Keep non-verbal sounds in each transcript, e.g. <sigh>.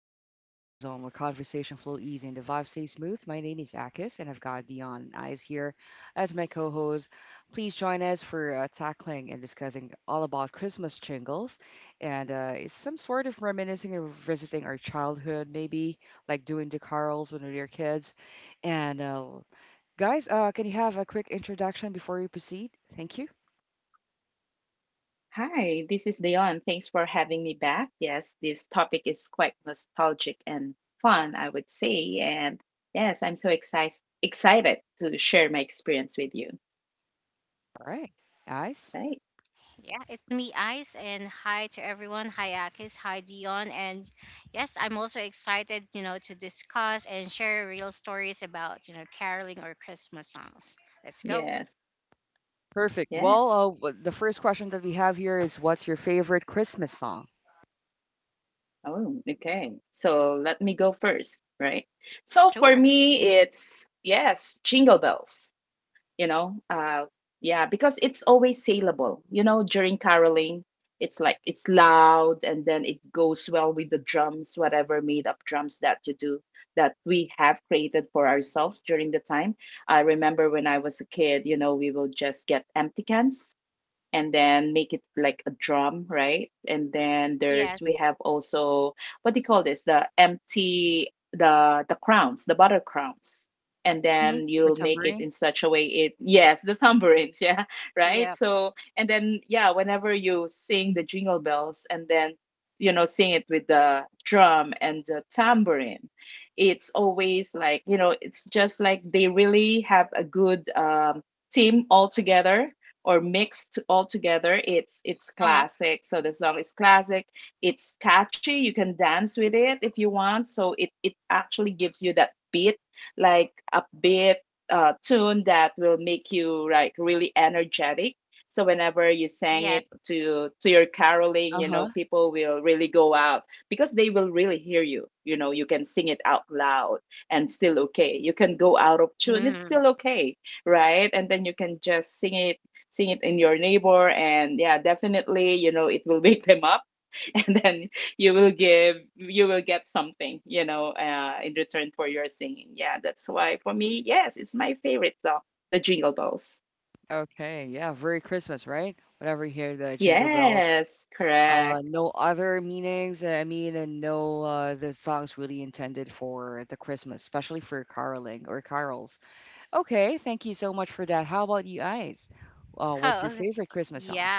step into a chill zone where conversation flow easy and the vibe stays smooth. My name is Akis, and I've got Dion and Eyes here as my co-host. Please join us for tackling and discussing all about Christmas jingles and some sort of reminiscing or visiting our childhood, maybe like doing the carols when we were kids. And guys, can you have a quick introduction before we proceed? Thank you. Hi, this is Leon. Thanks for having me back. Yes, this topic is quite nostalgic and fun, I would say. And yes, I'm so excited to share my experience with you. All right, Eyes. Right? Yes. Perfect. Well, Yes. The first question that we have here is, what's your favorite Christmas song? Oh, okay. So let me go first, right? So for me, it's yes, Jingle Bells. you know uh yeah, because it's always saleable, you know, during caroling. It's like it's loud and then it goes well with the drums, whatever made up drums that you do, that we have created for ourselves during the time. I remember when I was a kid, you know, we will just get empty cans and then make it like a drum, right? And then there's we have also, what do you call this? The empty, the crowns, the butter crowns. And Hmm, then for you'll make it tambourine? in such a way, it yes, the tambourines, <laughs> yeah, right? So and then yeah, whenever you sing the jingle bells and then you know, sing it with the drum and the tambourine, it's always like, you know, it's just like they really have a good team all together, or mixed all together. It's classic. So the song is classic, it's catchy, you can dance with it if you want. So it actually gives you that beat, like a beat, tune that will make you like really energetic. So whenever you sang it to your caroling, you know, Uh-huh. people will really go out because they will really hear you. You know, you can sing it out loud and still okay, you can go out of tune, it's still okay, right? And then you can just sing it, seeing it in your neighbor. And yeah, definitely, you know, it will <laughs> wake them up, <laughs> and then you will give, you will get something, in return for your singing. Yeah, that's why for me, yes, it's my favorite song, the jingle bells. Okay. Yeah, very Christmas, right? Whenever you hear the jingle bells. Yes, correct. No other meanings. I mean, and no, the song's really intended for the Christmas, especially for caroling or carols. Okay, thank you so much for that. How about you guys? What's your favorite Christmas song?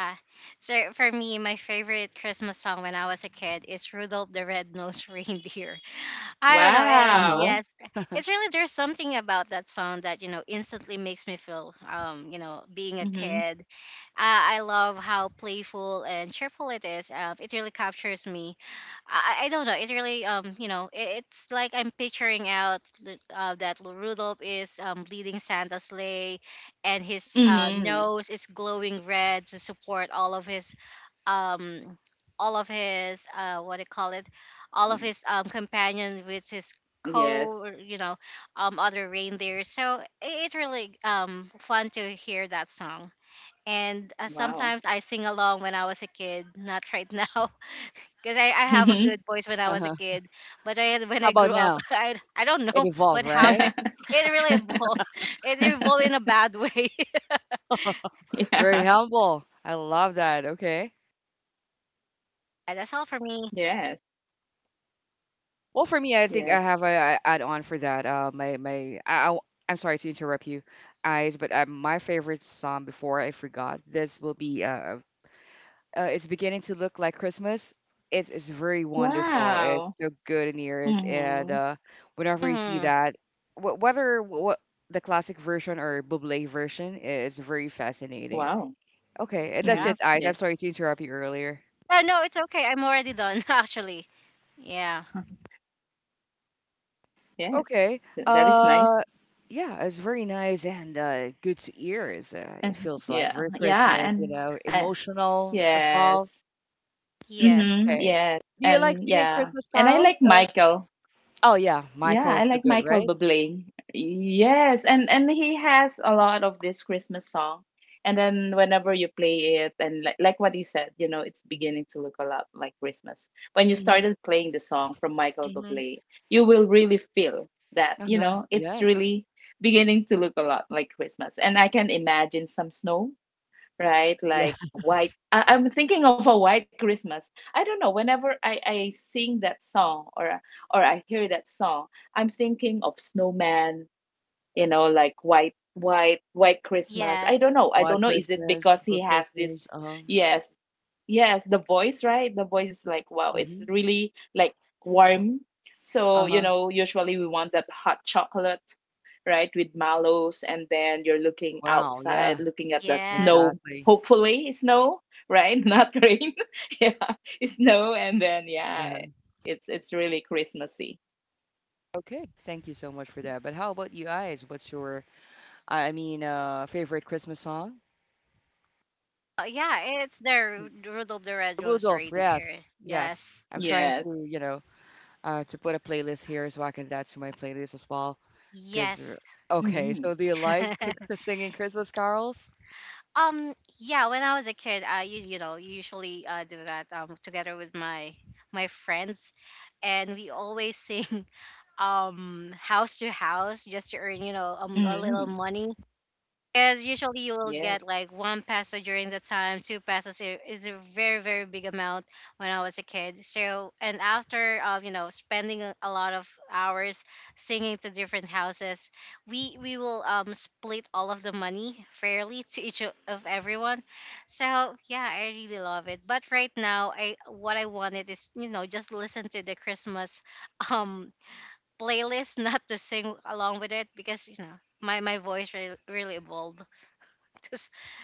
Wow. Uh-huh. <laughs> Mm-hmm. Mm-hmm. Yes. Wow. Mm-hmm. Uh-huh. How about now? It evolved, right? <laughs> Very Yeah. humble. I love that. Okay. Yes. Well, for me, I think I Yes. have a add on for that. Am sorry to interrupt you, eyes, but my favorite song, before I forgot, this will be it's beginning to look like Christmas. It's very wonderful. Wow. It's so good in ears, and Mm-hmm. Whenever you see that, whether what, the classic version or Buble version, is very fascinating. Wow. Okay, that's it, Mhm. eyes. I'm Yeah. sorry to interrupt you earlier. <laughs> Yes. Okay. That is nice. Uh, yeah, it's very nice and good to hear. It's, it And feels like yeah, very yeah, Christmas, you and know, I emotional as well. yes. Mhm. Okay. Yes. Do you like And singing yeah. Christmas And I carols? like Michael. Oh yeah, Yeah, Michael I is so like good, Michael right? Bublé. Yes, and he has a lot of this Christmas song. And then whenever you play it, and like what you said, you know, it's beginning to look a lot like Christmas. When you Hmm. started playing the song from Michael Hmm. Bublé, you will really feel that, you Uh-huh. know, it's Yes. really beginning to look a lot like Christmas. And I can imagine some snow, right? Like a white. Yes. <laughs> I'm thinking of a white Christmas. I don't know. Whenever I sing that song or I hear that song, I'm thinking of snowman. You know, like white, white, white Christmas. I don't know. I White don't know. Is it Christmas, because Blue he has Christmas. this? Uh-huh. Yes. Yes, the voice, right? The voice is like, wow, it's Hmm. really like warm. So, you Uh-huh. know, usually we want that hot chocolate, right, with mallows, and then you're looking Wow. outside, Yeah. looking at the snow. Exactly. Hopefully, snow, right? <laughs> Not rain. <laughs> Yeah, it's snow, and then yeah, Uh-huh. It's really Christmassy. Okay. Thank you so much for that. But how about you guys? What's your, I mean, favorite Christmas song? Rudolph, yes, yes. I'm trying Yes. to, you know, to put a playlist here so I can add that to my playlist as well. Cause r- okay, Hmm. so do you like singing Christmas carols? Hmm. Yes.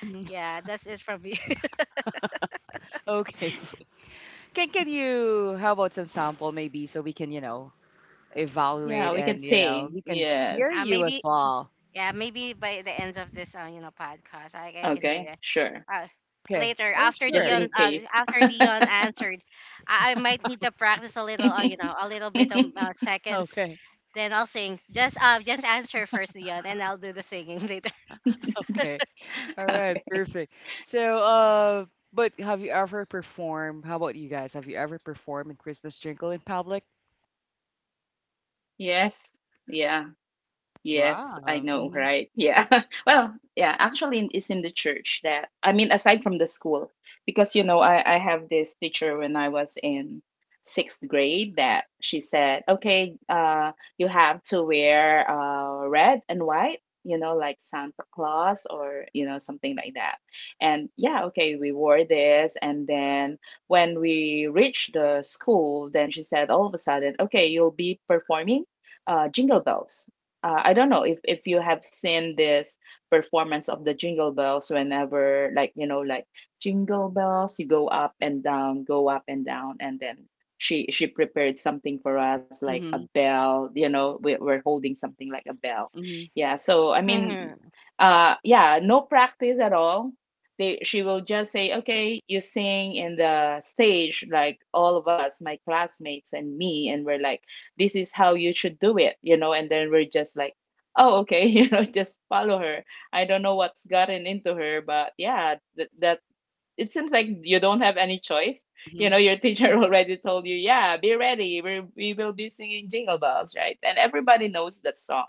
Mhm. <laughs> Okay, can you? How about some sample maybe, so we can, you know, Yeah, evaluate, we can and you know say we can hear yes. you as well. Okay, sure. Okay, oh Just sure. in case. <laughs> Okay, <laughs> okay, all right, Okay. perfect. So, but have you ever performed? How about you guys? Have you ever performed in Christmas jingle in public? Yes. Yeah. Yes, I Wow. know, Mm-hmm. right? Yeah. <laughs> Well, yeah, actually in- it's in the church that I mean aside from the school, because you know I have this teacher when I was in 6th grade that she said, "Okay, you have to wear red and white, you know, like Santa Claus or you know something like that." And yeah, okay, we wore this and then when we reached the school, then she said all of a sudden, "Okay, you'll be performing Jingle Bells." I don't know if you have seen this performance of the jingle bells, whenever like, you know, like jingle bells you go up and down, go up and down, and then she prepared something for us like a Mm-hmm. bell, you know, we're holding something like a bell. Mm-hmm. Yeah, so I mean, yeah, no practice at all. They She will just say okay, you sing in the stage, like all of us, my classmates and me, and we're like, this is how you should do it, you know, and then we're just like, oh okay, <laughs> you know, just follow her. I don't know what's gotten into her, but yeah, that it seems like you don't have any choice. You Mm-hmm. know, your teacher <laughs> already told you, yeah, be ready, we will be singing jingle bells, right, and everybody knows that song.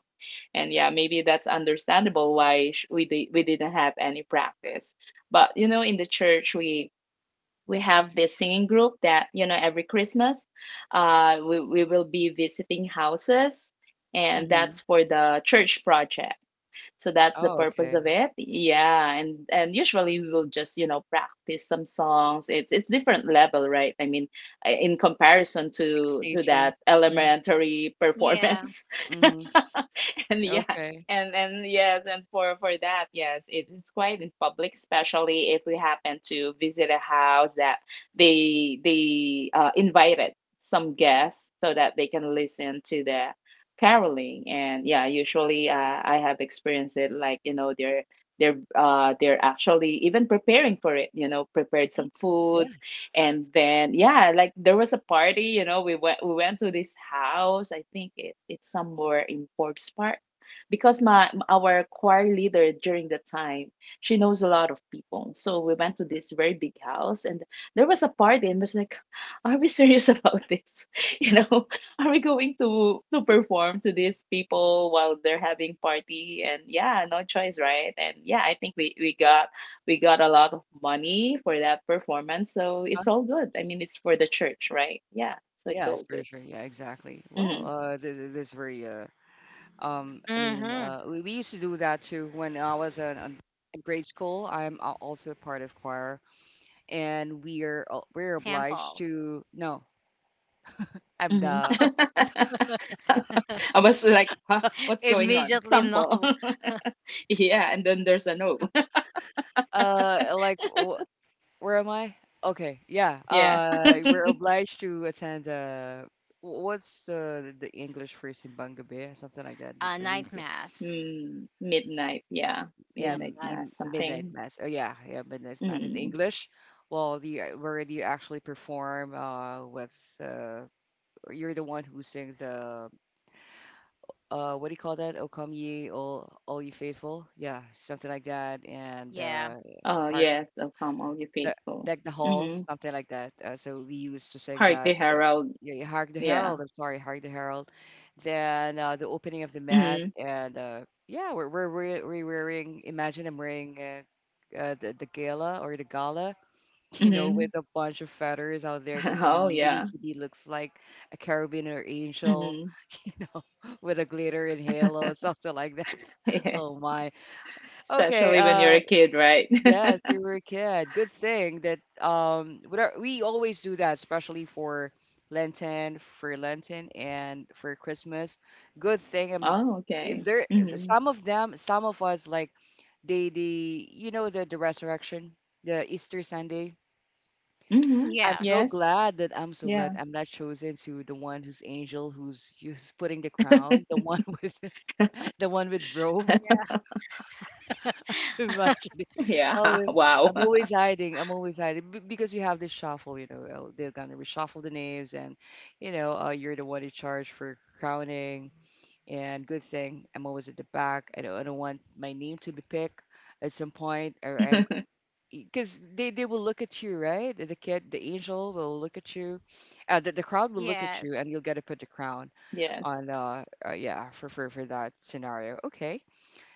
And yeah, maybe that's understandable why we didn't have any practice. But you know, in the church, we have this singing group that, you know, every Christmas, we will be visiting houses, and Mm-hmm. that's for the church project. So that's the Oh, purpose of okay. it. Yeah, and usually we will just, you know, practice some songs. It's different level, right? I mean, in comparison to Extension. that Mm-hmm. elementary performance. Mm-hmm. <laughs> And yeah, Okay. And yes, and for that, yes, it is quite in public, especially if we happen to visit a house that they invited some guests so that they can listen to the caroling. And yeah, usually I have experienced it like, you know, they're actually even preparing for it. You know, prepared Mm. some food, Yeah. and then yeah, like there was a party. You know, we went to this house. I think it's somewhere in Forbes Park because my our choir leader during the time, she knows a lot of people, so we went to this very big house and there was a party and was like, are we <laughs> serious about this, <laughs> you know, are we going to perform to these people while they're having party? And yeah, no choice, right? And yeah, I think we got a lot of money for that performance, so Huh? it's all good. I mean, it's for the church, right? Yeah, so it's Yeah, it's all pretty good. sure. Yeah, exactly. Well, Mm-hmm. this very I mean, we used to do that too when I was in grade school. I'm also part of choir, and we're obliged to no, I'm the Mm-hmm. <laughs> I was like, huh, what's going on? Sample. <laughs> Yeah, and then there's a no. <laughs> uh like Where am I? Okay, yeah. Yeah. We're obliged to attend. What's the English phrase in Bangabe? Something like that. Mm, midnight, Yeah, yeah. Midnight midnight mass, mass. Oh yeah, something. yeah, midnight mass in English. Mm. Well, the where do you actually perform? With uh, you're the one who sings the what do you call that? O come ye, all ye faithful. Yeah, something like that. And Oh, yes, oh come, all you the faithful. like the Mm-hmm. halls, something like that. So we used to sing Heart the that. Herald, Yeah, Hark the Herald. yeah. I'm sorry, Hark the Herald. Then the opening of the mass, Mm-hmm. and yeah, we're wearing. Imagine I'm wearing the gala or the gala. <laughs> You know, with a Mm-hmm. bunch of feathers out there, because <laughs> we Oh, we need to yeah. be looks like a carabiner angel Mm-hmm. <gasps> with a glitter and halo, <laughs> something like that. <laughs> Oh Yes, my. Okay. especially when you're a kid, right? Yes, you were a kid. Good thing that whatever we always do that, especially for Lenten and for Christmas. Good thing <laughs> Oh, I- okay. there Mm-hmm. some of them, some of us like they the you know the resurrection, the Easter Sunday. Mm-hmm. Yes. I'm so glad Yeah. I'm not chosen to the one who's angel who's putting the crown, the <laughs> one with <laughs> the one with robe. <laughs> Imagine, Yeah. always, <laughs> I'm Wow. always hiding. I'm always hiding because you have this shuffle, you know, they're gonna reshuffle the names, and you know, you're the one in charge for crowning. And good thing I'm always at the back. I don't want my name to be picked at some point, or I'm <laughs> because they will look at you, right? The kid, the angel will look at you, the crowd will look at you, and you'll get to put the crown on, Yes. Yeah, for that scenario. Okay.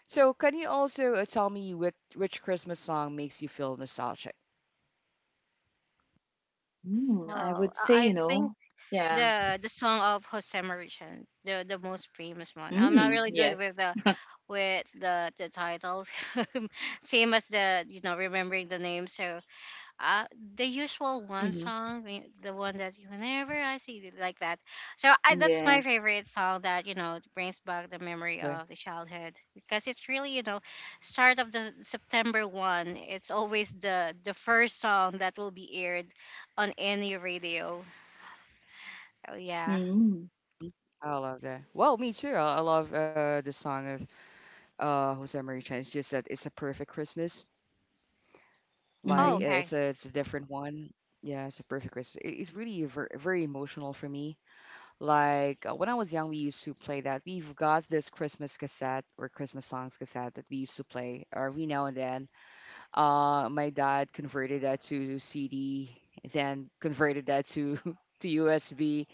So, can you also tell me which Christmas song makes you feel nostalgic? Mm, I would say, you know, yeah. Mm, yes. Hmm. Yes. Okay. Mm, I love that. Well, me too. I love the song of Jose Maria Chan. It's just that it's a perfect Christmas. Like mm-hmm. it's a different one. Yeah, it's a perfect Christmas. It's really very emotional for me. Like when I was young, we used to play that. We've got this Christmas cassette or Christmas songs cassette that we used to play every now and then. My dad converted that to CD, then converted that to <laughs> to USB,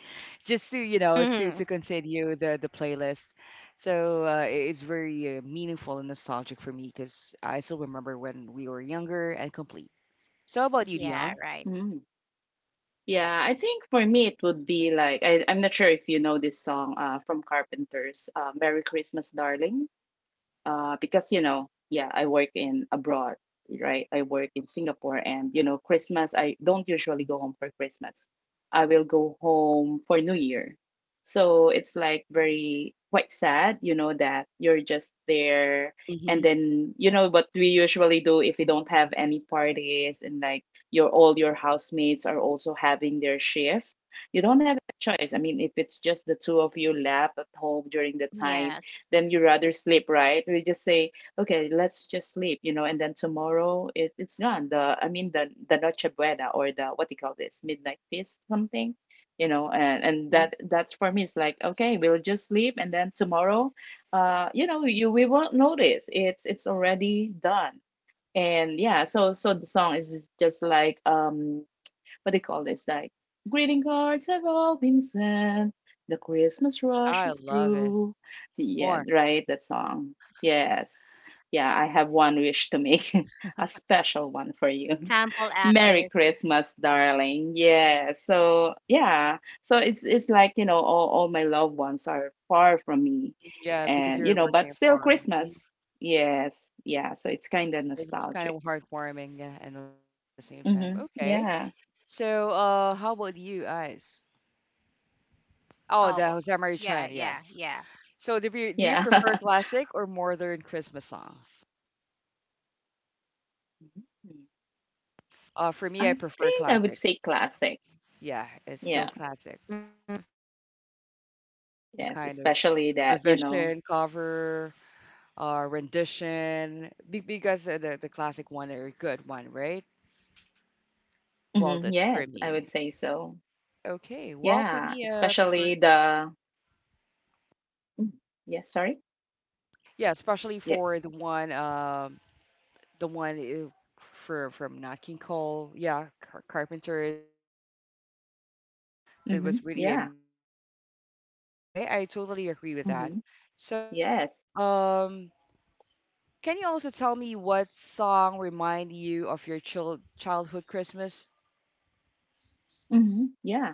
just to you know to continue the playlist. So it is very meaningful and nostalgic for me, because I still remember when we were younger and complete. So how about you, Dion? Mm. Yeah, I think for me it would be like, I'm not sure if you know this song from Carpenters, Merry Christmas, Darling. Because you know, yeah, I work in abroad, right? I work in Singapore, and you know, Christmas, I don't usually go home for Christmas. I will go home for New Year. So it's like very quite sad, you know, that you're just there, and Mm-hmm. then you know what we usually do if we don't have any parties, and like your all your housemates are also having their shift. You don't have a choice. I mean, if it's just the two of you left at home during the time, then you rather sleep, right? We just say, okay, let's just sleep, you know, and then tomorrow it's gone. The I mean the Noche Buena, or the what do you call this midnight feast something, you know. And that's for me. It's like okay, we'll just sleep, and then tomorrow, you know, you we won't notice. It's already done. And yeah, so so the song is just like um, what do you call this? Like, greeting cards have all been sent. The Christmas rush is I love it through. Yeah, more. right. That song. Yes. Yeah, I have one wish to make <laughs> a special one for you. <laughs> Merry Christmas, darling. Yeah. So yeah. So it's like, you know, all my loved ones are far from me, Yeah, because and you you're know, but working still far. Mhm. Christmas. Yes. Yeah. So it's kind of It was kind nostalgic. of heartwarming, yeah, and nostalgic at the same time. Mm-hmm. Okay. Yeah. So, how about you Ice? Oh, the Jose Maria Chan, yes. So do you Yeah. prefer classic or modern Christmas songs? <laughs> For me, I I prefer think I would classic. say classic. Yeah, it's still Yeah. classic. That's why we still have this some Yes. kind of Especially that, you know. revision, cover, rendition, because the classic one are a good one, right? Well, Hmm. that's for Yes, I would me. say so. Okay. Well, for Yeah. me, prefer Especially the. Mm, yeah. Sorry. yeah, especially Yes. for the one the one i- for from Nat King Cole, yeah, Carpenters, Frank Sinatra. That Hmm. was really Yeah. memorable. Uh huh. Okay, I totally agree with that. Hmm. So, Yes. um, can you also tell me what song remind you of your childhood Christmas? Hmm. Yeah.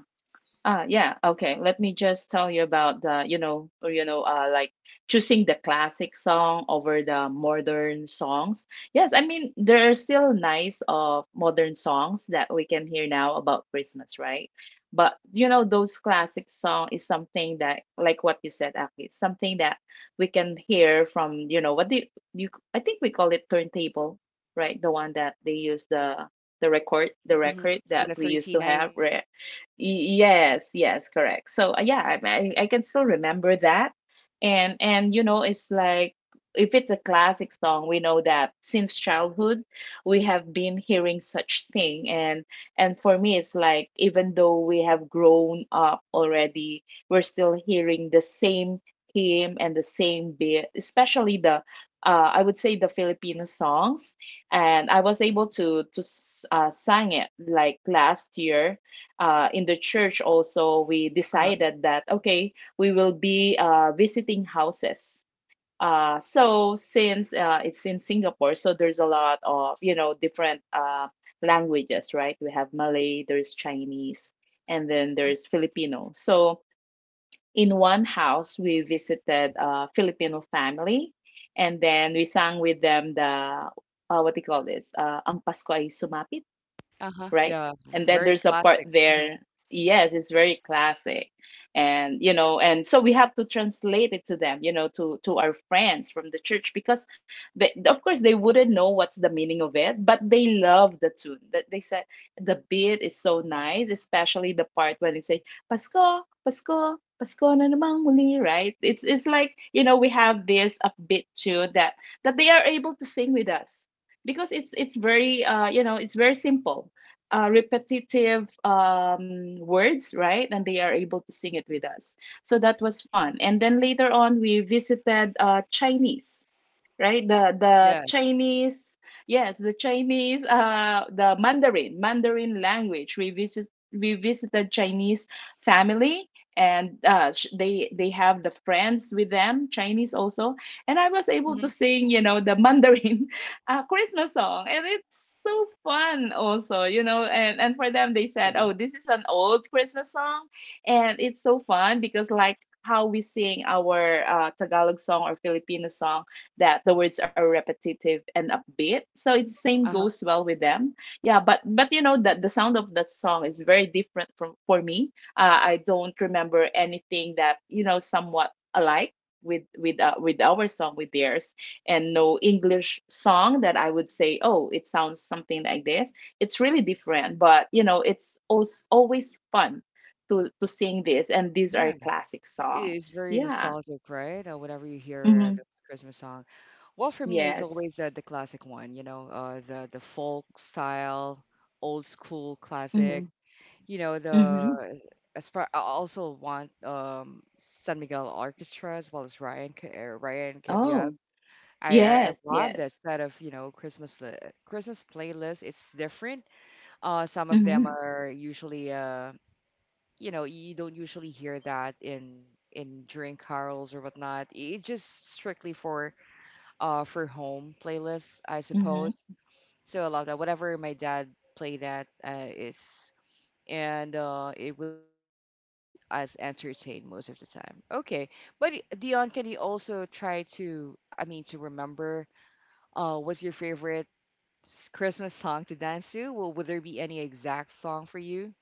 Ah, yeah. Okay. Let me just tell you about the, you know, or, you know, like choosing the classic song over the modern songs. Yes, I mean there are still nice of modern songs that we can hear now about Christmas, right? But you know, those classic song is something that, like what you said, Aki, it's something that we can hear from, you know, what do you, you, I think we call it turntable, right? The one that they use Yes, the turntable. record, the Mm-hmm. record With that a we used thirteen to have, ninety. Uh huh. Yes, yes, correct. So yeah, I can still remember that, and you know it's like if it's a classic song, we know that since childhood we have been hearing such thing, and for me it's like even though we have grown up already, we're still hearing the same theme and the same bit, especially the I would say the Filipino songs, and I was able to sang it like last year, in the church also we Uh huh. decided that okay we will be visiting houses, so since it's in Singapore, so there's a lot of you know different languages, right? We have Malay, there's Chinese, and then there's Filipino. So I see. in Mhm. one house we visited a Filipino family, and then we sang with them the, what do you call this, Ang Pasko Ay Sumapit, Uh huh. right? Yeah. And then Very there's a part classic. Hmm. there, yes, it's very classic. And you know, and so we have to translate it to them, you know, to our friends from the church, because they, of course they wouldn't know what's the meaning of it, but they love the tune. That they said the beat is so nice, especially the part when they say Pasko, Pasko, Pasko Na Namang Muli, right? It's like, you know, we have this upbeat tune that they are able to sing with us because it's very you know, it's very simple, repetitive words, right? And they are able to sing it with us. So that was fun. And then later on, we visited, Chinese, right? The Yes. Chinese, yes, the Chinese, the Mandarin, Mandarin language. We visit Uh huh. we visited Chinese family, and they have the friends with them, Chinese also. And I was able to Hmm. sing, you know, the Mandarin <laughs> Christmas song, and it's so fun also, you know. And for them, they said, Exactly. oh, this is an Hmm. old Christmas song, and it's so fun because like. How we sing our Tagalog song or Filipino song, that the words are repetitive and upbeat. So it same Uh huh. goes well with them. Yeah, but you know that the sound of that song is very different from for me. I don't remember anything that you know somewhat alike with our song with theirs, and no English song that I would say, oh, it sounds something like this. It's really different, but you know, it's always fun to sing this, and these are Yeah. classic It is songs. very Yeah. nostalgic, right? Whenever you hear Mm-hmm. the Christmas song. Well, for me, it's Yes. always the classic one, you know, the folk style, old school Mm-hmm. classic. You know, the Mm-hmm. as far I also want San Miguel Orchestra as well as Ryan Ryan Cabiab. Oh, I yes, love that yes. set of you know Christmas Christmas playlist. It's different. Some of them Mhm, are usually you know you don't usually hear that in during carols or whatnot. It's just strictly for home playlists, I suppose. mhm. So I love that whatever my dad played at is and it really makes us entertained most of the time. Okay, but Dion, can you also try to, I mean to remember, what's your favorite Christmas song to dance to? Well, would there be any exact song for you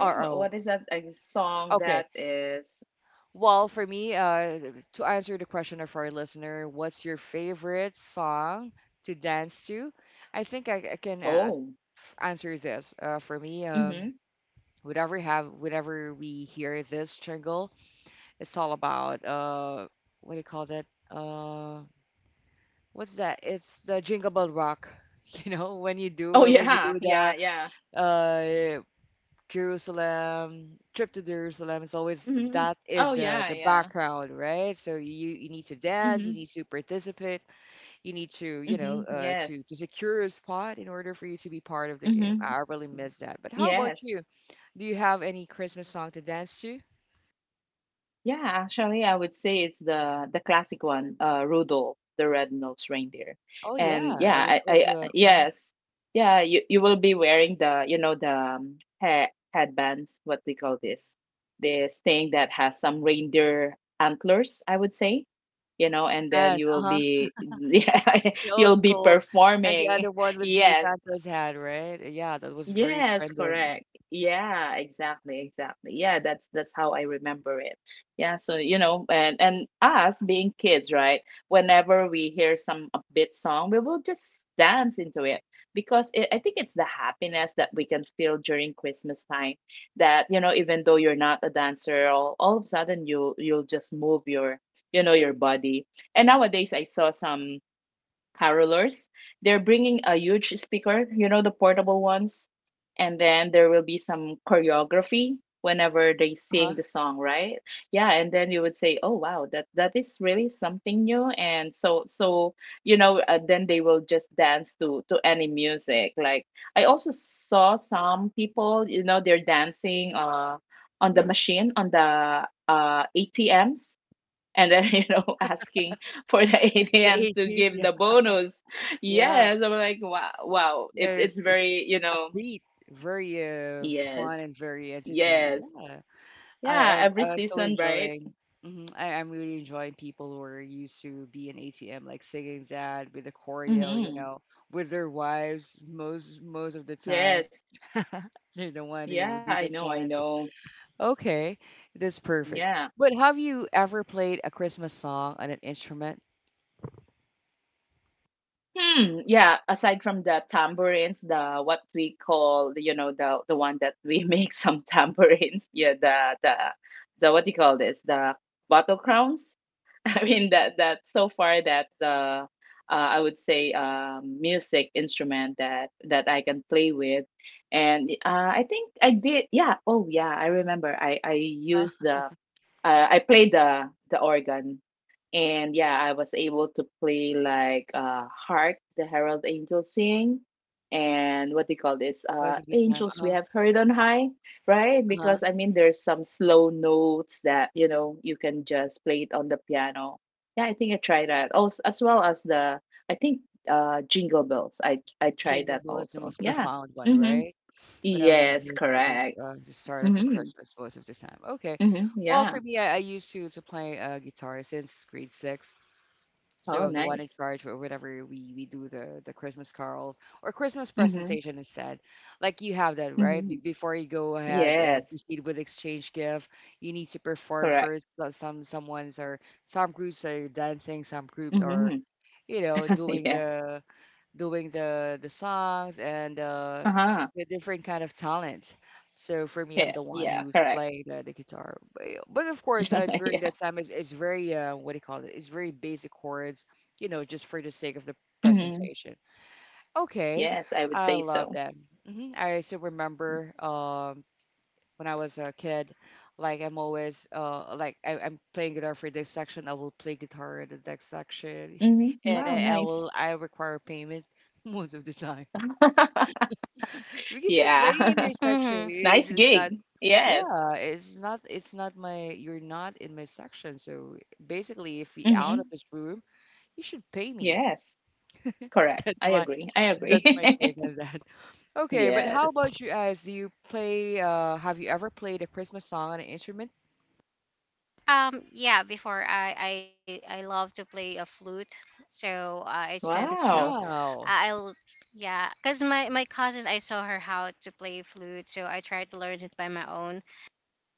or Sorry, what oh, what is that, a song okay. that is? Well, for me, to answer the question of our listener, what's your favorite song to dance to? I think I can Oh, answer this. For me, mhm. whenever have whenever we hear this jingle, it's all about what do you call that? What's that? It's the Jingle Bell Rock. <laughs> You know, when you do Oh, yeah, the yeah, yeah. uh, Jerusalem, trip to Jerusalem, is always Mhm. that Oh, is yeah, the yeah. background, right? So you need to dance, you Mhm, need to participate, you need to you know mhm. Yes. To secure a spot in order for you to be part of the game. Mhm. I really miss that. But how about Yes. you? Do you have any Christmas song to dance to? Yeah, actually, I would say it's the classic one, Rudolph the Red-Nosed Reindeer. Oh And yeah, yeah, there's also a, mhm. yes, yeah, you will be wearing the, you know, the he headbands, what we call this, this thing that has some reindeer antlers, I would say, you know, and then Yes, you will uh-huh, be <laughs> yeah, the old you'll be school, and the performing. other one <laughs> would be Yes, Santa's Hat, right? Yeah, that was very yes, trending. correct. Yeah, exactly, exactly. Yeah, that's how I remember it. Yeah, so you know, and us being kids, right? Whenever we hear some upbeat song, we will just dance into it because it, I think it's the happiness that we can feel during Christmas time that, you know, even though you're not a dancer, all of a sudden you'll just move your, you know, your body. And nowadays I saw some carolers. They're bringing a huge speaker, you know, the portable ones. And then there will be some choreography whenever they sing Uh-huh, the song, right? Yeah, and then you would say, "Oh wow, that is really something new." And so, so, you know, then they will just dance to any music. Like, I also saw some people, you know, they're dancing on the machine, on the ATMs, and then <laughs> you know asking for the <laughs> the ATMs to 80s, <laughs> give yeah, the bonus. yeah. Yes, I'm like wow, wow. Yeah, It's it's very, you know, upbeat, very yes, fun and very entertaining. yes, Yeah, yeah. Every I'm so season, right? enjoying. Hmm. I'm really enjoying people who are used to be an ATM, like singing that with the choreo, you Mm-hmm. know, with their wives most most of the time. Yes, <laughs> They're the one yeah. who I do the know, I chants. know. Okay, that's perfect. Yeah. But have you ever played a Christmas song on an instrument? Hmm. Yeah. Aside from the tambourines, the what we call, you know, the one that we <laughs> make some tambourines. Yeah. The what do you call this? The bottle crowns. <laughs> I mean that so far that the, I would say music instrument that I can play with, and I think I did, yeah, oh yeah, I remember I used the, I played the organ, and yeah, I was able to play like, "Hark, the Herald Angels Sing," and what do you call this? Most of the time, uh "Angels We huh, Have Heard on High," right? uh huh. Because I mean, there's some slow notes that you know you can just play it on the piano. Yeah, I think I tried that also, as well as the, I think, "Jingle Bells." I tried Jingle that bell is the also. most Yeah. profound one, Mm-hmm. right? Whenever you Yes, hear that, it's correct. The start of the Mm-hmm. Christmas most of the time. Okay. Mm-hmm. Well, Yeah. for me, I used to play guitar since grade six, so Oh, I'm the one in nice. charge, or whenever we do the Christmas carols or Christmas Mm-hmm. presentation instead, like you have that right Mhm. before you go ahead and Yes, proceed with exchange gift, you need to perform correct. first. So someone's are some groups are dancing, some groups are Mhm. you know <laughs> doing Yeah. the songs and Uh-huh. the different kind of talent. So for me, I'm Yeah, the one yeah, who's correct. playing the guitar. But of course, <laughs> during Yeah. that time, it's very what do you call it? It's very basic chords, you know, just for the sake of the Mhm. presentation. Okay, Yes, I would I say love so. that. I still remember when I was a kid. Like I'm always like I'm playing guitar for this section, I will play guitar in the next section, Mhm. <laughs> and Wow, I, I nice. will I require payment <laughs> most of the time <laughs> <laughs> because I'm playing in Yeah. your <laughs> section. Mm-hmm. It's, Nice it's not gig. Yes. yeah, it's not my, you're not in my section. So basically, if we out of Mhm. this room, you should pay me. Yes, correct. <laughs> That's I my agree. I agree. that's my take <laughs> on that. <laughs> Okay, but how Yes. about you guys? Do you play have you ever played a Christmas song on an instrument? Yeah, before I love to play a flute, so I tend to Wow. Wow. I'll yeah, cause my cousin I saw her how to play flute, so I tried to learn it by my own.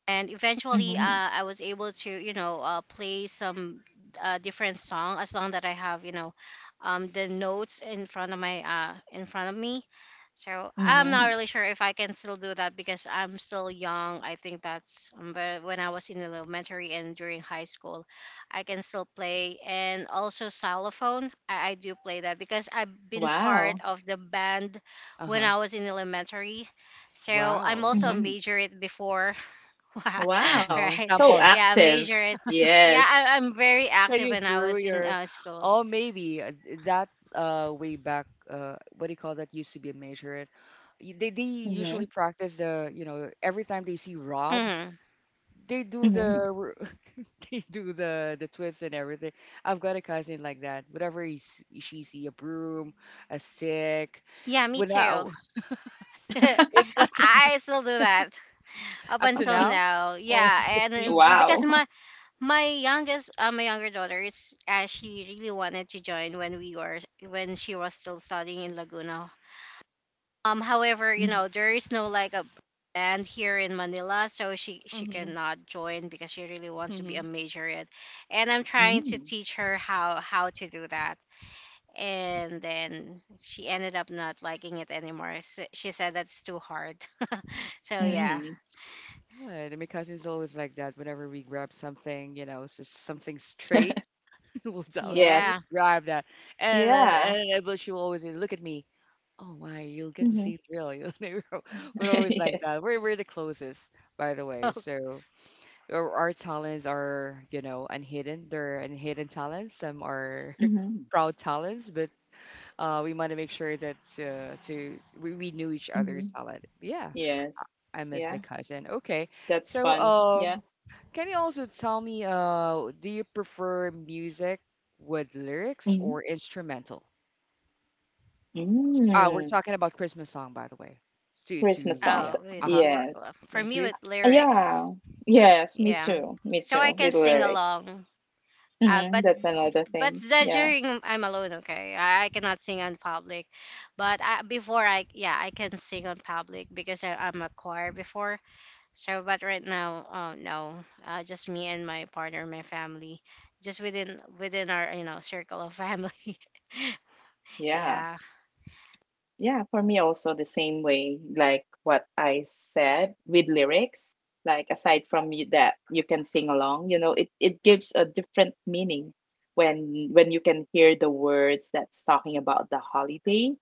And eventually Mhm. I was able to play some different song as long that I have the notes in front of my in front of me. So I'm not Mhm. really sure if I can still do that because I'm still young. I think that's but when I was in elementary and during high school I can still play, and also xylophone I do play that because I've been part Wow. of the band when Uh-huh. I was in elementary. So I'm Wow. also a Uh-huh. Mhm. major before. <laughs> Wow. Right. So Sample. Yeah, I active. major it. Yeah, Yes. I'm very So active you when I threw was in your, school. oh, maybe that way back, what do you call that, used to be a major. They usually Mhm. practice the you know every time they see rod Hmm. they do Mhm. <laughs> They do the twist and everything. I've got a cousin like that. Whenever she see a broom, a stick, Yeah, me when I, too. <laughs> <laughs> it's like I <laughs> still do that up up to until now. now. Oh, <laughs> Yeah, okay. and See. Because Wow. my my younger daughter is she really wanted to join when we were when she was still studying in Laguna. However, <laughs> Mhm. There is no like a band here in Manila, so she Mm-hmm. cannot join because she really wants to be a majorette. And I'm trying to Mm. teach her how to do that. And then she ended up not liking it anymore. S she said that's too hard. <laughs> So yeah, Mhm. Good. And my cousin's always like that. Whenever we grab something, you know, something straight, <laughs> well, so she Yes. would yeah. grab that, and Yeah. But she will always say, look at me. Oh my, you'll get the Mhm. same drill. <laughs> You know, we're <laughs> <laughs> always like Yes. that. We're the closest, by the way. <laughs> Oh, So our talents are, you know, unhidden. They're unhidden talents. Some are Mhm. <laughs> proud talents, but we want to make sure that to we knew each other's Mhm. talent. Yeah, Yes. I miss my Yeah. cousin. Okay, That's so fun. um. Yeah. Can you also tell me, do you prefer music with lyrics Mhm. or instrumental? We're Mm. talking about Christmas song, by the way. To Christmas songs. Yeah. oh, Uh with huh. lure, Yes. For Thank me you. with lyrics, Yeah. Yes. Me yeah. too. Me So I too. can With sing lyrics. along. Uh, Mhm. but That's another but thing. that Yeah. during I'm alone, okay. I cannot sing on public, but I, before I yeah I can sing on public because I'm a choir before. So but right now oh no, just me and my partner, my family, just within our circle of family. <laughs> Yeah. Yeah, Yeah, for me also the same way, like what I said, with lyrics, like aside from you that you can sing along, you know, it gives a different meaning when you can hear the words that's talking about the holiday.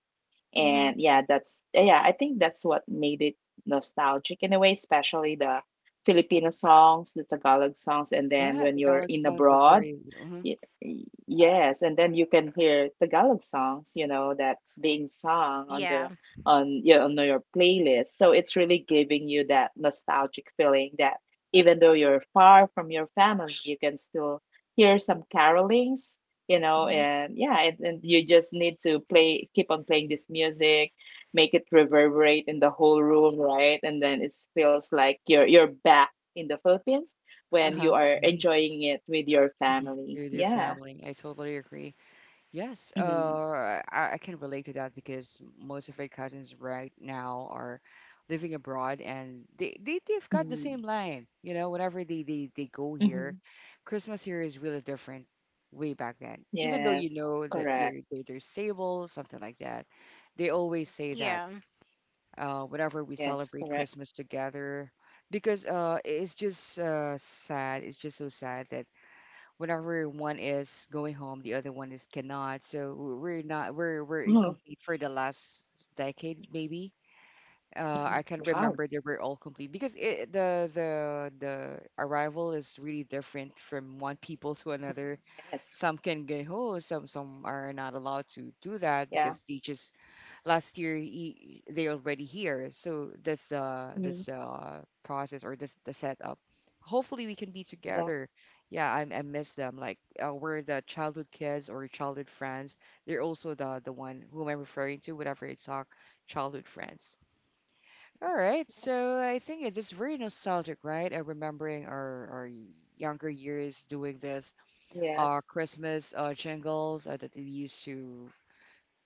And hmm yeah, that's, yeah, I think that's what made it nostalgic in a way, especially the Filipino songs, the Tagalog songs, and then Yeah, when the you're Tagalog in songs are abroad very. Uh huh. Yes, and then you can hear Tagalog songs, you know, that's being sung on yeah, the, on your playlist. So it's really giving you that nostalgic feeling that even though you're far from your family, you can still hear some carolings, you know, and yeah, and you just need to play, keep on playing this music, make it reverberate in the whole room, right? And then it feels like you're back in the Philippines Uh when huh. you are Yes. enjoying it with your hmm family. With your Yeah. family, I totally agree. Yes, Mm-hmm. I can relate to that because most of my cousins right now are living abroad and they've got Mm-hmm. the same line. You know, whenever they go Mm-hmm. here, Christmas here is really different way back then. Even though Yes. you know that Correct. they're stable, something like that, they always say that yeah, whenever we Yes. celebrate Correct. Christmas together. Because it's just sad. It's just so sad that whenever one is going home, the other one is cannot. So we're not we're Oh. we're incomplete for the last decade maybe. Mhm. I can Wow. remember they were all complete because it, the arrival is really different from one people to another. Yes. Some can get home, some are not allowed to do that Yeah. because they just last year he, they already here. So this Mm-hmm. this process or this the setup. Hopefully we can be Yeah. together. Yeah, I miss them. Like we're the childhood kids or childhood friends. They're also the one whom I'm referring to whenever I talk childhood friends. All right, Yes. so I think it is very nostalgic, right? Remembering our younger years doing this, Yes. Christmas jingles that we used to,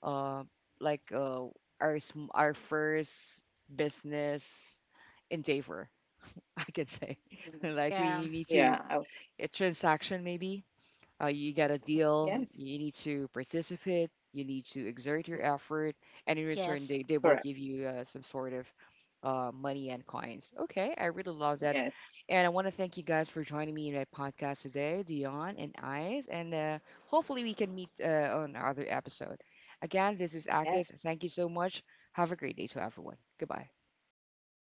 uh, like uh, our our first business endeavor, <laughs> I could say. Hmm. <laughs> Like yeah, we need Yeah. to Oh. a transaction maybe you got a deal. Yes. You need to participate. You need to exert your effort, and in return, yes. they Correct. will give you some sort of money and coins. Okay, I really love that, Yes. and I want to thank you guys for joining me in my podcast today, Dion and Ice, and hopefully we can meet on other episode. Again, this is Yes. Akis. Thank you so much. Have a great day to everyone. Goodbye. Thanks.